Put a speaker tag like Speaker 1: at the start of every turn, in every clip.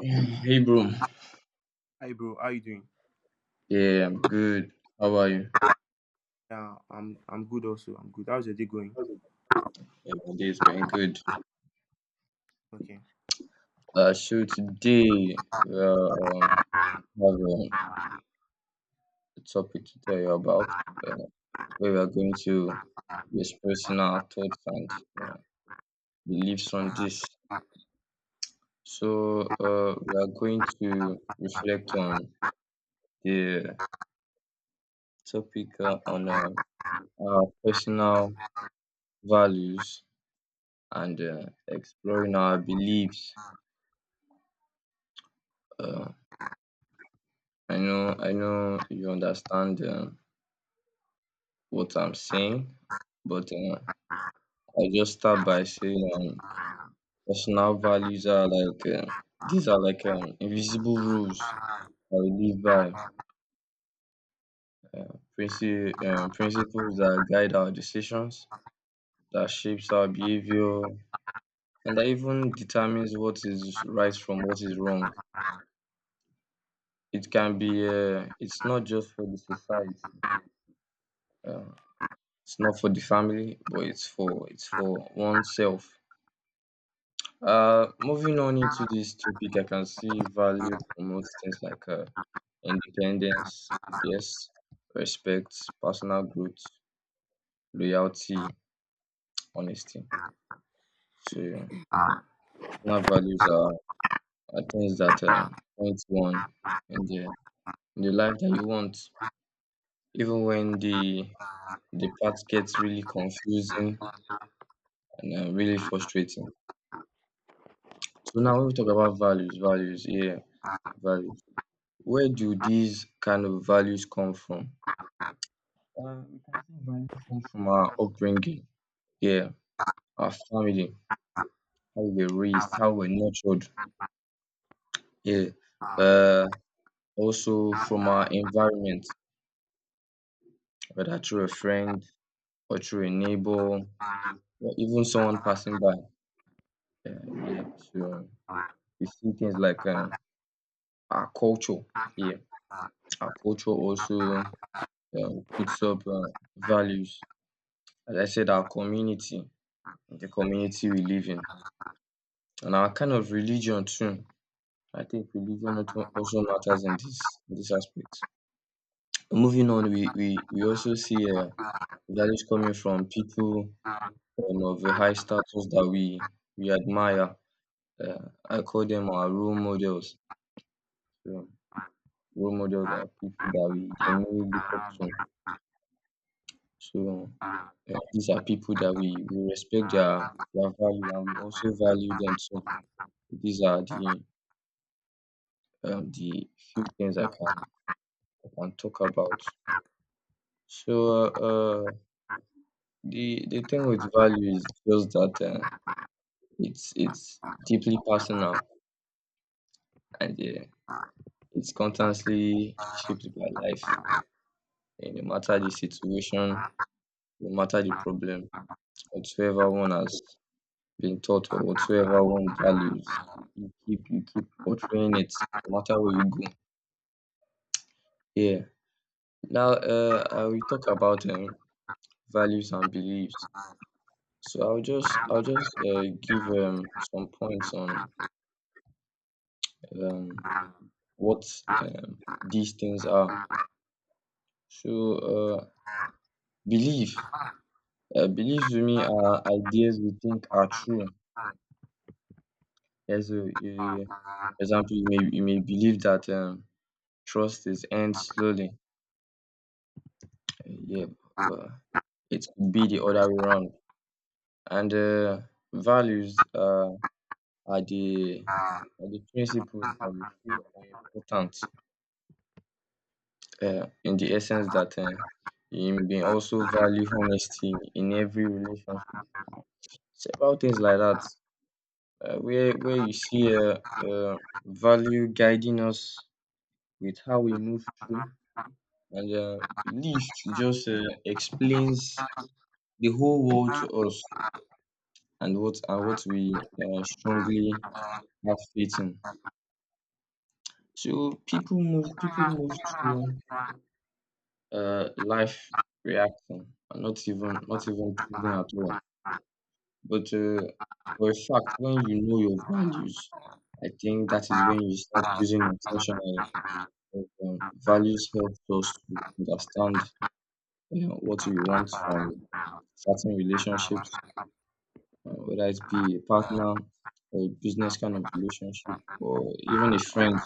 Speaker 1: Yeah. Hey bro.
Speaker 2: Hi bro, how you doing?
Speaker 1: Yeah, I'm good. How are you?
Speaker 2: Yeah, I'm good also. I'm good. How's your day going?
Speaker 1: Yeah, my day is going good. So today, um, we have a topic to tell you about, uh, where we are going to be expressing our thoughts and uh, beliefs on this. So we are going to reflect on the topic, on our personal values and, exploring our beliefs. Uh, I know you understand, what I'm saying, but I just start by saying, um, personal values are like, these are like, invisible rules that we live by, principles that guide our decisions, that shapes our behavior, and that even determines what is right from what is wrong. It can be, it's not just for the society, uh, it's not for the family, but it's for oneself. Moving on into this topic, I can see value promotes things like, independence, yes, respect, personal growth, loyalty, honesty. So yeah, personal values are things that, point one in the, in the life that you want, even when the path gets really confusing and, really frustrating. So now when we talk about values, values, yeah, values. Where do these kind of values come from? We can see value come from our upbringing, yeah, our family, how we were raised, how we're nurtured, yeah. Uh, Also from our environment, whether through a friend or through a neighbor or even someone passing by. Yeah, yeah. So we see things like, our culture, yeah. Our culture also, puts up, values. As I said, our community, the community we live in, and our kind of religion too. I think religion not also matters in this, in this aspect. Moving on, we also see, values coming from people, of a high status that we admire. I call them our role models. So, role models are people that we genuinely look up to. So, these are people that we respect their value and we also value them. So these are the, the few things I can talk about. So, the thing with value is just that, it's deeply personal and, it's constantly shaped by life. And no matter the situation, no matter the problem, whatsoever one has been taught or whatsoever one values, you keep portraying it no matter where you go. Yeah. Now, I will talk about, values and beliefs. So I'll just give, some points on, um, what, these things are. So, belief, beliefs to me are ideas we think are true. As a example, you may believe that, trust is earned slowly. Yeah, but it could be the other way around. And, values, are the are the principles that we feel are important, in the essence that, you may also value honesty in every relationship. Several things like that, where you see, uh, value guiding us with how we move through, and, belief just, explains the whole world to us, and what we, strongly have faith in. So people move through, life reacting and not even choosing at all, but, for a fact, when you know your values, I think that is when you start choosing intentionally. Values helps us to understand, you know, what we want from certain relationships, whether it be a partner or a business kind of relationship or even a friend.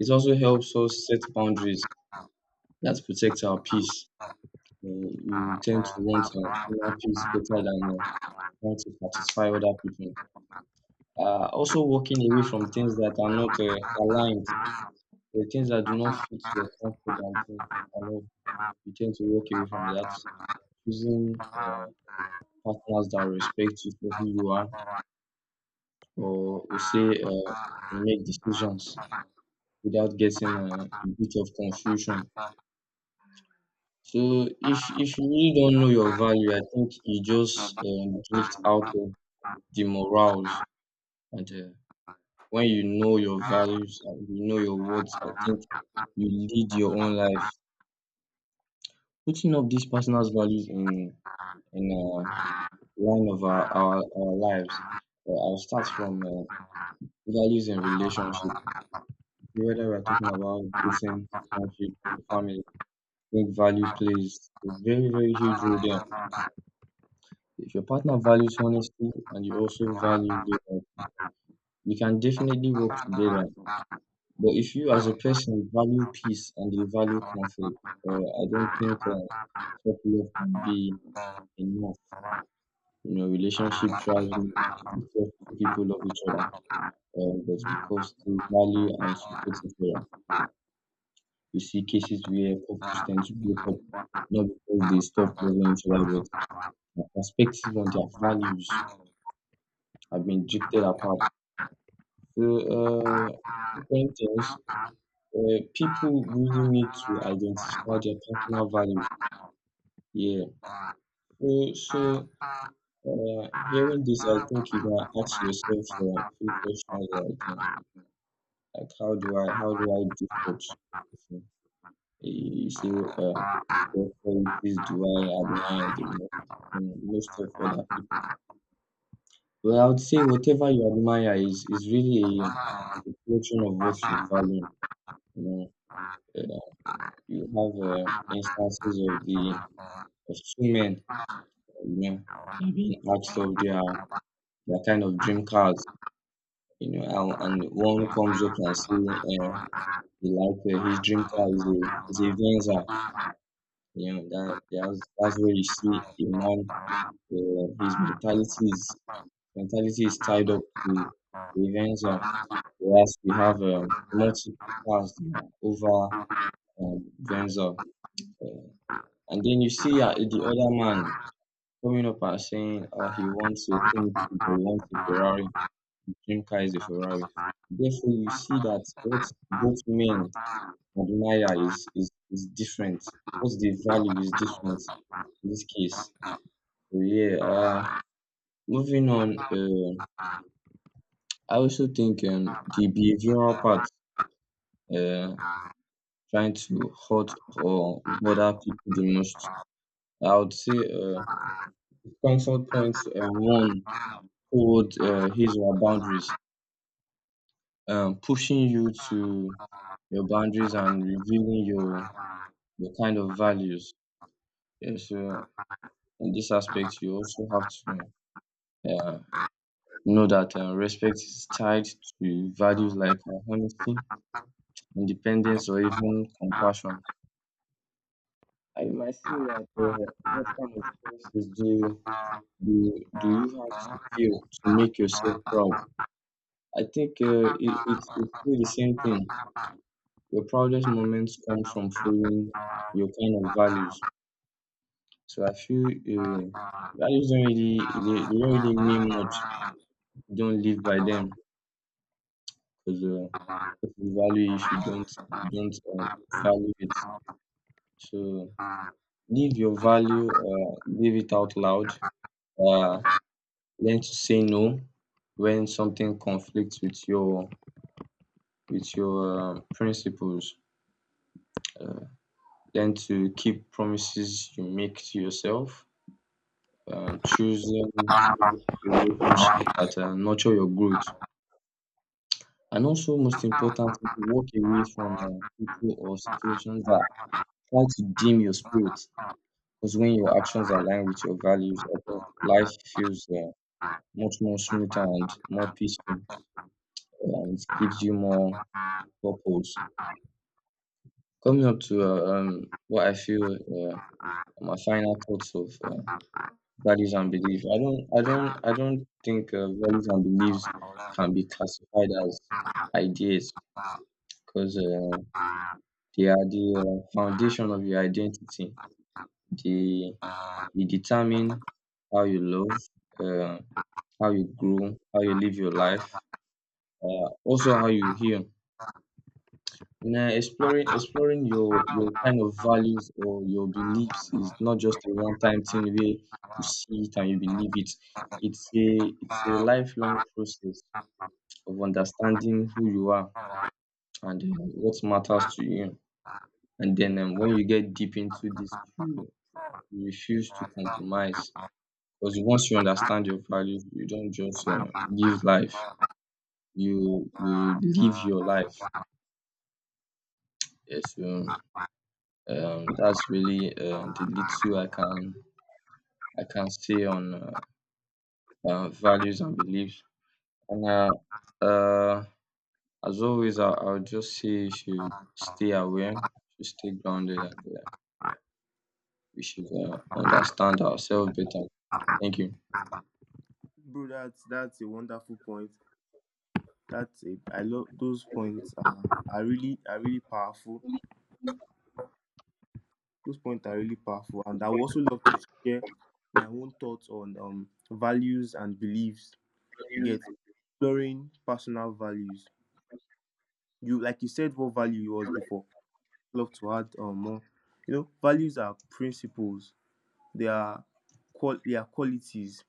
Speaker 1: It also helps us set boundaries that protect our peace. You tend to want, inner peace better than, trying to satisfy other people. Also, walking away from things that are not, aligned, the things that do not fit your comfort and things, I know you tend to walk away from that, choosing, partners that respect you for who you are, or we say,
Speaker 2: Okay.
Speaker 1: make decisions without getting, a bit of confusion. So if you really don't know your value, I think you just, drift out of the morals. And, when you know your values and you know your worth, I think you lead your own life. Putting up these personal values in, in uh, line of our lives. I'll start from, values in relationships. Whether we're talking about dating, friendship, or family, I think value plays a very, very huge role there. If your partner values honesty and you also value it, you can definitely work together. But if you as a person value peace and you value conflict, I don't think,
Speaker 2: Thank
Speaker 1: self-love can be enough. You know, relationship thrives because two people love each other, but because they value and support each other. We see cases where couples tend to break up not because they stop loving each other, but their perspective on their values have been drifted apart. So, when things, people really need to identify their personal values. Yeah. So hearing this, I think you gotta ask yourself, a few questions like, how do I do such a thing? It's a, your qualities do I admire the most in most of other people? Well, I would say whatever you admire is really a reflection of what you value. You know, uh, you have, instances of the, of two men, you know, being asked of their kind of dream cars, you know, and one comes up and say, he like, his dream car is a Venza. You know that, that's where you see a man. His mentality is tied up to Venza, whereas we have, multiple paths that are over, Venza. Uh, and then you see, the other man coming up and saying, he wants a Ferrari, his dream car is a Ferrari. Therefore, you see that what both men admire is different. What they value is different in this case. So yeah, moving on, I also think, the behavioral part, uh, trying to hurt or bother people the most. I would say, comfort points, one hold, his or her boundaries, pushing you to your boundaries and revealing your kind of values. Yeah, so in this aspect, you also have to, uh, know that, respect is tied to values like, honesty, independence, or even compassion. I might say that, what kind of do do you have to feel to make yourself proud? I think, it's still the same thing. Your proudest moments come from following your kind of values. So I feel, values don't really, they don't really mean much. You don't live by them because, if you value, if you
Speaker 2: you,
Speaker 1: don't if you don't uh, value it. So live your value, live it out loud. Uh, Learn to say no when something conflicts with your, principles. Uh, Learn to keep promises you make to yourself. Choosing relationships that, nurture your growth. And also, most importantly, walk away from, people or situations that try to dim your spirit. Because when your actions align with your values, I think life feels, much more smoother and more peaceful, and it gives you more purpose. Coming up to, what I feel, are my final thoughts of, values and beliefs. I don't think, values and beliefs can be classified as ideas, because, they are the, foundation of your identity. They, they determine how you love, uh, how you grow, how you live your life, also how you heal. And, exploring your kind of values or your beliefs is not just a one time thing where you see it and you believe it. It's a lifelong process of understanding who you are and, what matters to you. And then, when you get deep into this, you refuse to compromise because once you understand your values, you don't just, give life. You live your life. Yes, that's really, the little I can say on, values and beliefs. And, uh, as always, I would just say you should stay aware, should stay grounded, and, we should, understand ourselves better. Thank you.
Speaker 2: bro. That's a wonderful point. That's a i love those points, are really are really powerful. Those points are really powerful, and I would also love to share my own thoughts on values and beliefs. You get, exploring personal values. You like you said, what value you was before. Love to add more. You know, values are principles. They are qualities.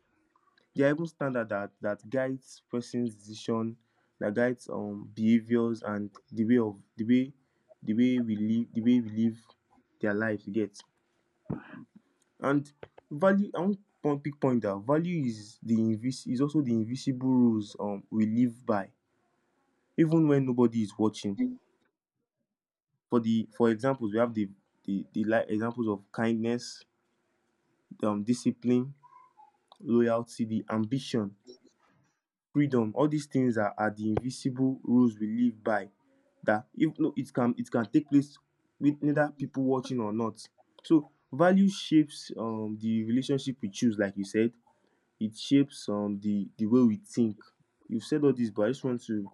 Speaker 2: They are even standard that guides person's decision, that guides behaviors, and the way we live, the way we live their lives. You get. And value, I want point, big point, that value is the invis is also the invisible rules we live by, even when nobody is watching. For the, for examples, we have the like examples of kindness, discipline, loyalty, the ambition, freedom. All these things are the invisible rules we live by, that if no, it can take place with neither people watching or not. So value shapes the relationship we choose, like you said. It shapes, the way we think. You've said all this, but I just want to,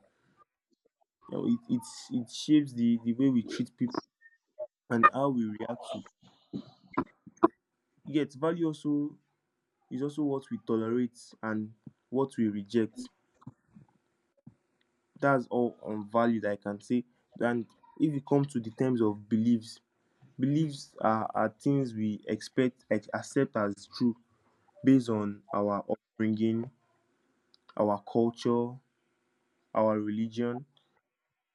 Speaker 2: you know, it it shapes the way we treat people and how we react to. Yet value also, it's also what we tolerate and what we reject. That's all on values I can say. And if you come to the terms of beliefs, beliefs are things we accept as true, based on our upbringing, our culture, our religion,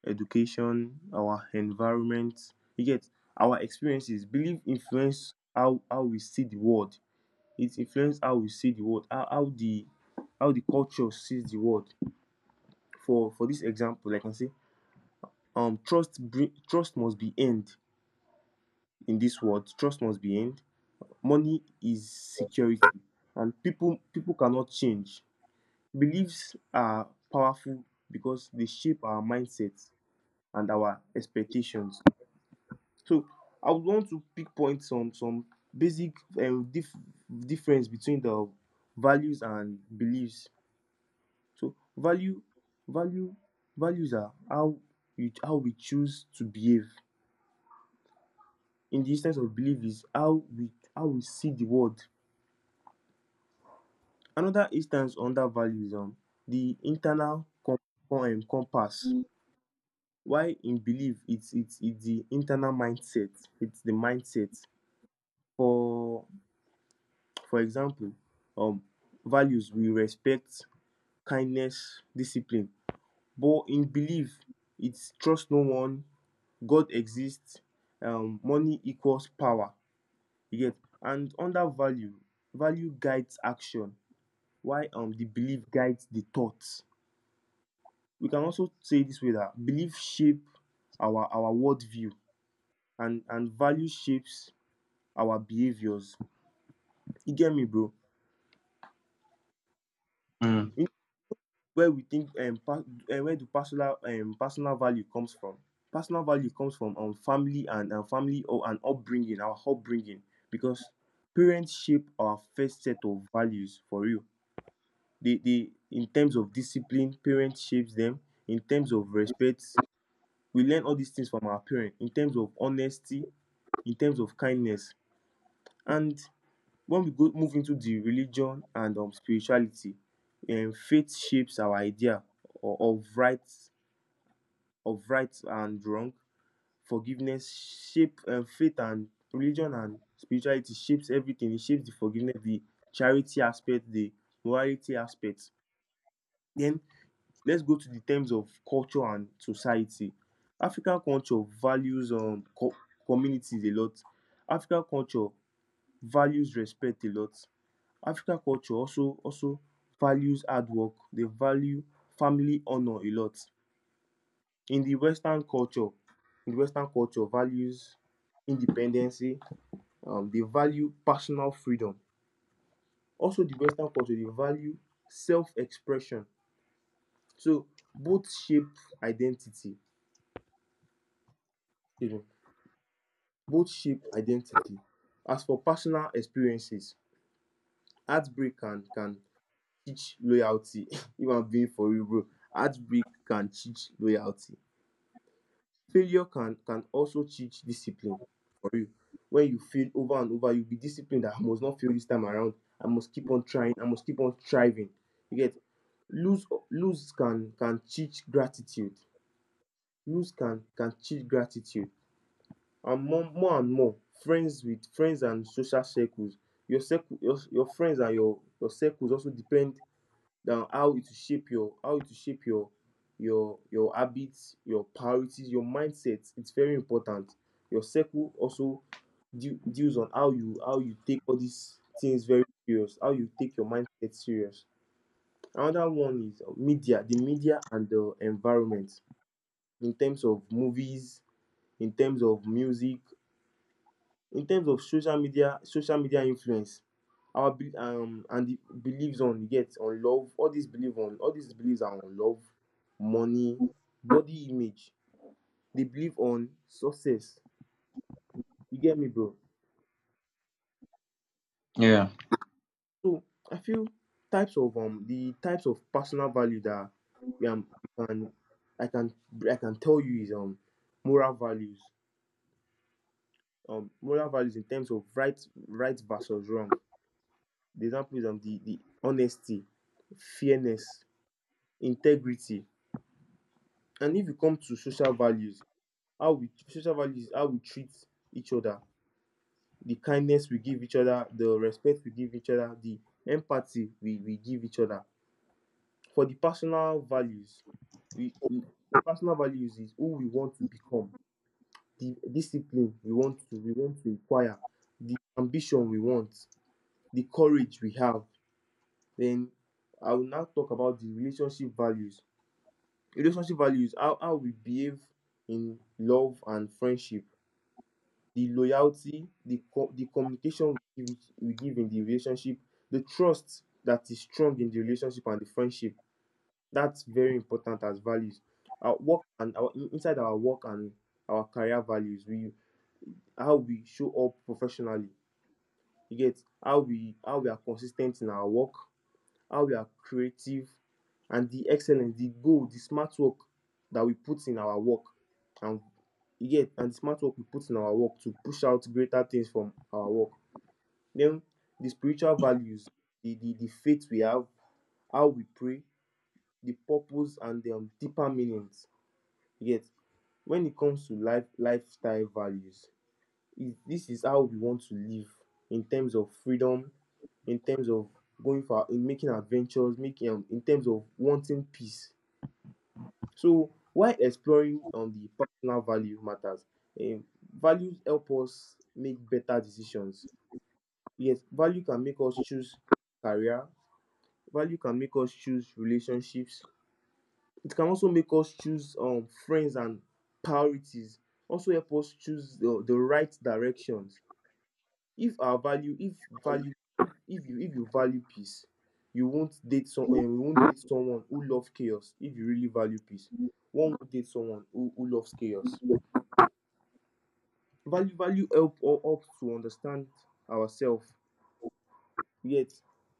Speaker 2: education, our environment. You get, our experiences. Belief influence how we see the world. It influences how we see the world, how the culture sees the world. For this example, like I can say, trust must be earned in this world. Trust must be earned. Money is security, and people cannot change. Beliefs are powerful because they shape our mindsets and our expectations. So I would want to pinpoint some basic, um, dif- difference between the values and beliefs. So value values are how we choose to behave. In the instance of belief is how we see the world. Another instance under value is, the internal compass. Why in belief, it's the internal mindset. It's the mindset. For for example, um, values we respect, kindness, discipline. But in belief, it's trust no one, God exists, money equals power. You get. And under value, value guides action. Why the belief guides the thoughts. We can also say this way, that belief shape our worldview, and value shapes our behaviors. You get me, bro?
Speaker 1: Mm.
Speaker 2: You, where we think, where do personal value comes from? Personal value comes from family and, family or an upbringing, our upbringing, because parents shape our first set of values, for real. They in terms of discipline, parents shapes them. In terms of respect, we learn all these things from our parents, in terms of honesty, in terms of kindness. And when we go move into the religion and, spirituality, faith shapes our idea o- of right of right and wrong. Forgiveness shape, faith and religion and spirituality shapes everything. It shapes the forgiveness, the charity aspect, the morality aspect. Then let's go to the terms of culture and society. African culture values, communities a lot. African culture values respect a lot. African culture also values hard work. They value family honor a lot. In the Western culture, values independency. They value personal freedom. Also, the Western culture, they value self-expression. So both shape identity, you know. Both shape identity. As for personal experiences, heartbreak can teach loyalty. If I'm being for real, bro, heartbreak can teach loyalty. Failure can also teach discipline, for real. When you fail over and over, you'll be disciplined that I must not fail this time around, I must keep on trying, I must keep on striving, you get. Lose lose can teach gratitude. Lose can teach gratitude. And more friends, with friends and social circles. Your circle, your friends, and your circles also depend on how it will shape your, how it will shape your habits, your priorities, your mindset. It's very important. Your circle also deals on how you, how you take all these things very serious, how you take your mindset serious. Another one is, media, the media and the environment. In terms of movies, in terms of music, in terms of social media, social media influence our and the beliefs on, you get, on love. All these belief on all these beliefs are on love, money, body image. They believe on success. You get me, bro?
Speaker 1: Yeah,
Speaker 2: So I feel, types of the types of personal value that we, can, i can I can tell you is, moral values. Moral values in terms of right, right versus wrong. The example is, the honesty, fairness, integrity. And if you come to social values, how we social values is how we treat each other. The kindness we give each other, the respect we give each other, the empathy we give each other. For the personal values, we the personal values is who we want to become. The discipline we want to, we want to acquire, the ambition we want, the courage we have. Then I will now talk about the relationship values. Relationship values, how we behave in love and friendship. The loyalty, the the communication we give in the relationship. The trust that is strong in the relationship and the friendship, that's very important as values. Our work, and our inside our work, and our career values, we, how we show up professionally. You get, how we, how we are consistent in our work, how we are creative, and the excellence, the goal, the smart work that we put in our work. And you get, and the smart work we put in our work to push out greater things from our work. Then, the spiritual values, the faith we have, how we pray, the purpose and the deeper meanings. You get. Wen it comes to life lifestyle values, is, this is how we want to live, in terms of freedom, in terms of going for, in making adventures, making, in terms of wanting peace. So while exploring on the personal value matters, um, values help us make better decisions. Yes, value can make us choose career, value can make us choose relationships. It can also make us choose, friends and priorities. Also help us choose the right directions. If our value, if value, if you, if you value peace, you won't date some, you won't date someone who loves chaos if you really value peace. One will date someone who loves chaos. Value help, or help to understand ourselves. Yet,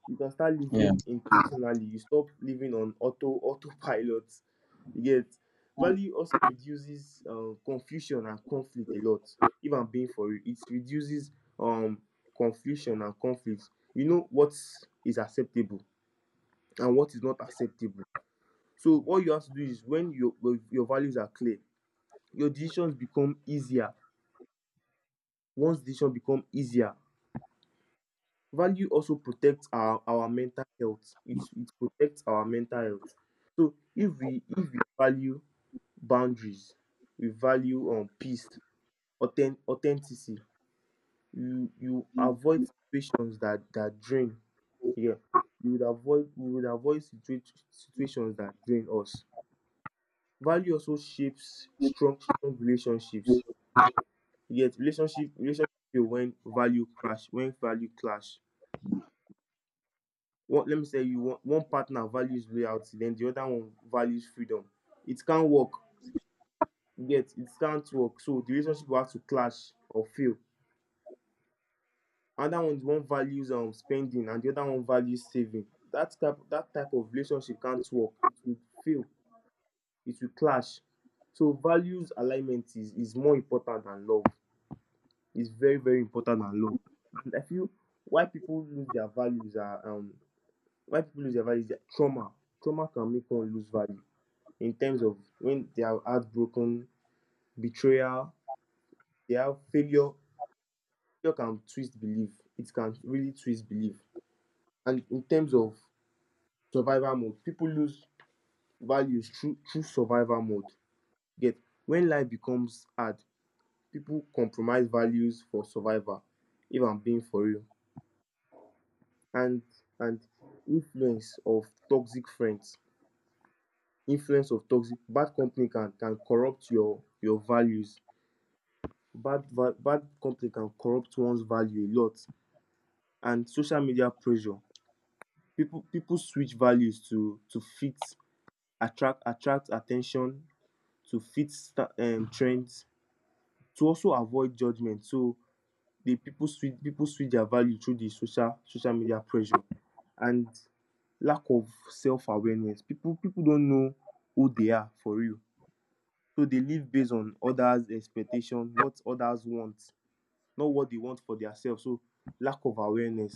Speaker 2: you can start
Speaker 1: yeah,
Speaker 2: living intentionally, you stop living on autopilot. Yet, value also reduces, confusion and conflict a lot. If I'm being for you, it reduces, um confusion and conflict. You know what is acceptable and what is not acceptable. So what you have to do is when your values are clear, your decisions become easier. Once decision become easier, value also protects our mental health. It protects our mental health. So if we, if we value boundaries, we value, peace, authenticity. You avoid situations that drain. Yeah, you would avoid, we would avoid situations that drain us. Value also shapes strong relationships. You get, relationship fail when value clash, One, let me tell you, one partner values loyalty, den the other one values freedom. It can't work. You get, it can't work, so the relationship will have to clash or fail. Another one, one values, spending, and the other one values saving. That type of relationship can't work. It will fail. It will clash. So values alignment is more important than love. Is very important and low. And I feel, why people lose their values are, why people lose their values is trauma. Trauma can make one lose value, in terms of when they are heartbroken, betrayal, they have failure. Failure can twist belief. It can really twist belief. And in terms of survival mode, people lose values through survival mode. Get, when life becomes hard, people compromise values for survival. If I'm being for real. and and influence of toxic friends, influence of toxic bad company can corrupt your values. Bad bad company can corrupt one's value a lot. And social media pressure, people switch values to fit, attract attention, to fit trends, to also avoid judgment. So the people switch their value through the social media pressure. And lack of self awareness. People don't know who they are for real, so they live based on others expectation, what others want, not what they want for themselves. So lack of awareness.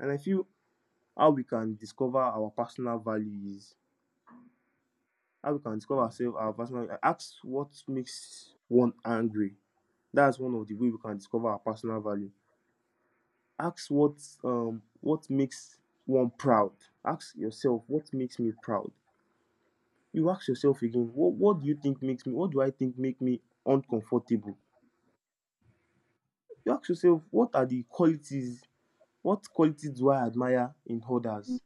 Speaker 2: And I feel, how we can discover our personal values, how we can discover ourselves, our personal, ask what makes one angry. That's one of the way we can discover our personal value. Ask what, what makes one proud. Ask yourself, what makes me proud? You ask yourself again, what do I think make me uncomfortable? You ask yourself, what are the qualities, what qualities do I admire in others?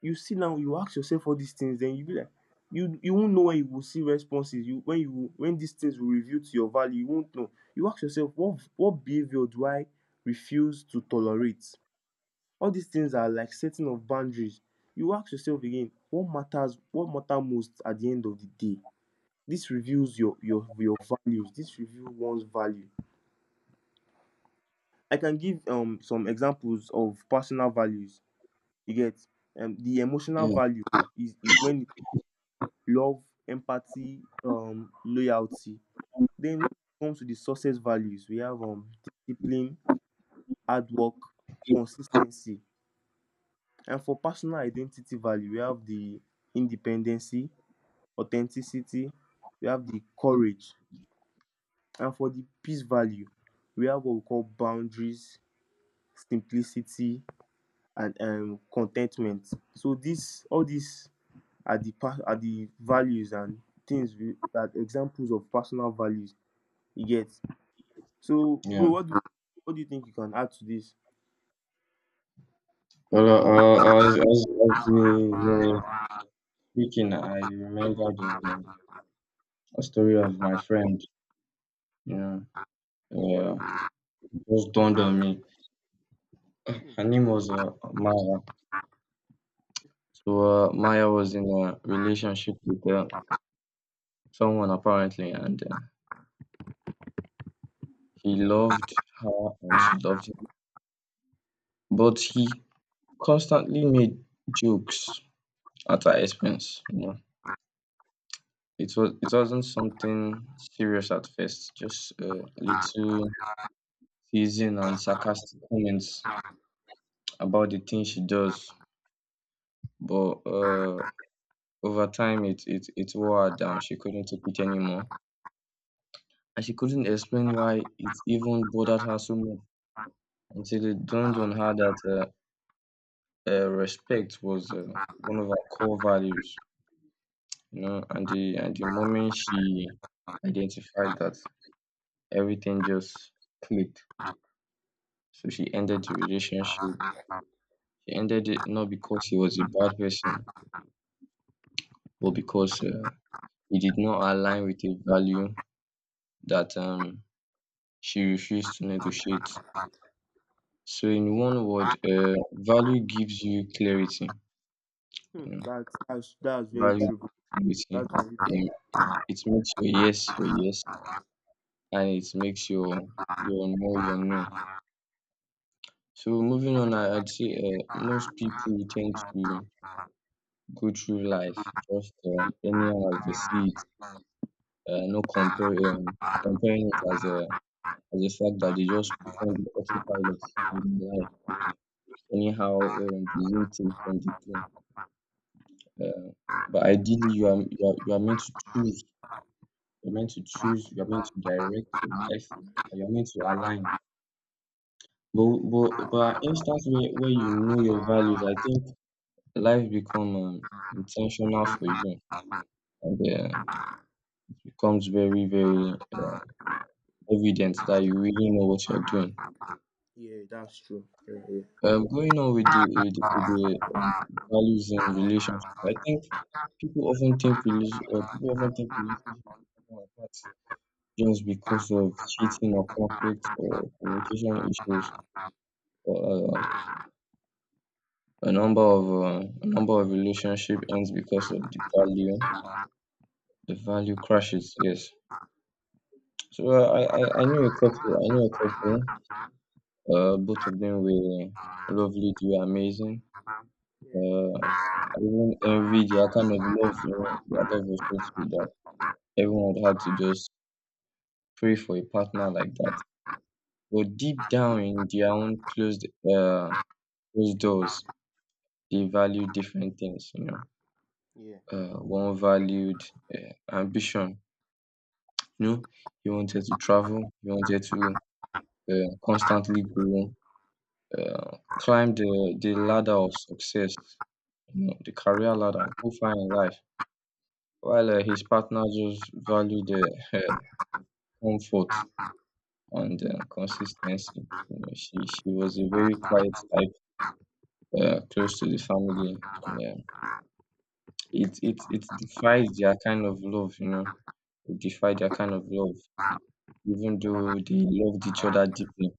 Speaker 2: You see, now you ask yourself all these things, then you be like, you won't know when you will see responses, you, when you, when these things will reveal to your value, you won't know. You ask yourself, what behavior do I refuse to tolerate? All these things are like setting of boundaries. You ask yourself again, what matter most at the end of the day? This reveals your values. This reveal one's value. I can give, some examples of personal values, you get. The emotional
Speaker 1: yeah,
Speaker 2: value is when love, empathy, loyalty. Then when it comes to the success values, we have, discipline, hard work, consistency. And for personal identity value, we have the independency, authenticity, we have the courage. And for the peace value, we have what we call boundaries, simplicity, and contentment. So this, all these are the are the values and things we, that examples of personal values, you get. So bro,
Speaker 1: yeah.
Speaker 2: what do you think you can add to this?
Speaker 1: Well, as you were speaking, I remembered, a story of my friend. Yeah, yeah. It just dawned on me.
Speaker 2: Hmm.
Speaker 1: Her name was, Maya. So Maya was in a relationship with someone apparently, and he loved her and she loved him, but he constantly made jokes at her expense, you know? It wasn't something serious at first, just a little teasing and sarcastic comments about the things she does. But Over time, it wore her down. She couldn't take it anymore, and she couldn't explain why it even bothered her so much until it dawned on her that respect was one of her core values. You know, and the moment she identified that, everything just clicked. So she ended the relationship. She ended it not because he was a bad person, but because he did not align with a value that she refused to negotiate. So, in one word, value gives you clarity.
Speaker 2: Hmm.
Speaker 1: You know,
Speaker 2: That's very
Speaker 1: value
Speaker 2: true, bro.
Speaker 1: gives you
Speaker 2: That's very true.
Speaker 1: clarity. It makes your yes, and it makes your no your no. So, moving on, I'd say most people tend to go through life just anyhow as they see it, no comparing it as a fact that they just put on the autopilot in their life anyhow, the new thing from the plane. Uh, but ideally, you are meant to choose. You're meant to choose. You're meant to direct your life, and you're meant to align. But an instance where you know your values, I think life become intentional for you, and becomes very very evident that you really know what you're doing.
Speaker 2: Yeah, that's true. Yeah, yeah.
Speaker 1: Going on with the, with the, with the values in relationship, I think people often think people often think relationship are apart just because of cheating or conflict or communication issues. But A number of a number of relationship ends because of the value, the value crashes. Yes. So I knew a couple. I knew a couple. Both of them were lovely. They were amazing. Uh, Even envy their kind of love, you know, their love was so sweet that everyone would have to just pray for a partner like that. But deep down in their own closed, uh, closed doors, they value different things, you know.
Speaker 2: Yeah,
Speaker 1: One valued uh, ambition, you know, he wanted to travel, he wanted to constantly grow, climb the ladder of success, you know, the career ladder, go far in life. While his partner just valued the comfort and consistency. You know, she was a very quiet type, close to the family, and it defied their kind of love. You know, it defied their kind of love, even though they loved each other deeply.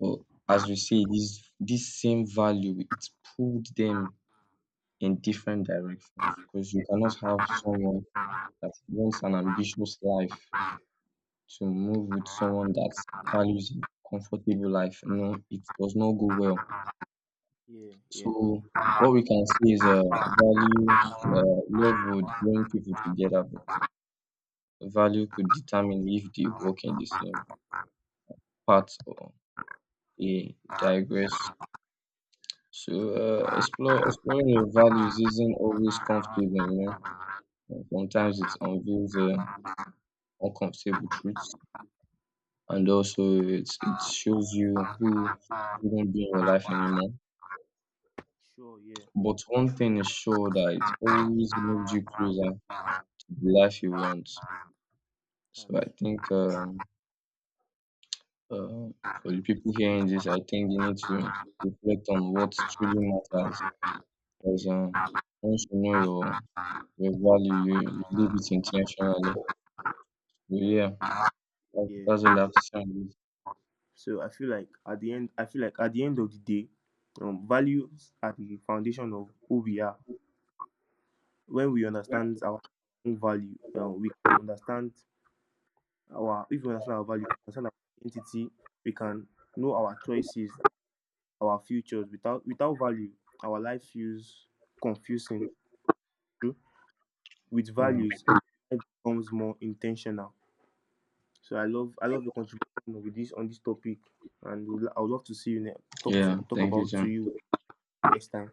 Speaker 1: But as we say, this same value it pulled them in different directions because you cannot have someone that wants an ambitious life to move with someone that values a comfortable life. You know, it does not go well.
Speaker 2: yeah, yeah,
Speaker 1: So
Speaker 2: yeah.
Speaker 1: what we can see is value, love would bring people together, but value could determine if they work in the same path or they digress. So exploring your values isn't always comfortable, you know. Sometimes it unveils uncomfortable truths, and also it shows you who shouldn't be in your life anymore.
Speaker 2: Sure, yeah,
Speaker 1: But one thing is sure that it always moves you closer to the life you want. So I
Speaker 2: that's
Speaker 1: think uh, for the people hearing this, I think they need to reflect on what truly matters. Because
Speaker 2: yeah,
Speaker 1: once you know your value, you live it intentionally. So yeah,
Speaker 2: yeah,
Speaker 1: that's
Speaker 2: yeah.
Speaker 1: all I have to say on this.
Speaker 2: So I feel like at the end, I feel like at the end of the day, values are the foundation of who we are. When we understand our own value, we can understand our if we understand our value, we understand our identity, we can know our choices, our futures. Without value, our life feels confusing. With
Speaker 1: Yeah.
Speaker 2: values, and life becomes more intentional. So I love your contribution with this on this topic, and I would love to talk to,
Speaker 1: Yeah.
Speaker 2: talk
Speaker 1: Thank you,
Speaker 2: about, to
Speaker 1: John.
Speaker 2: you next time.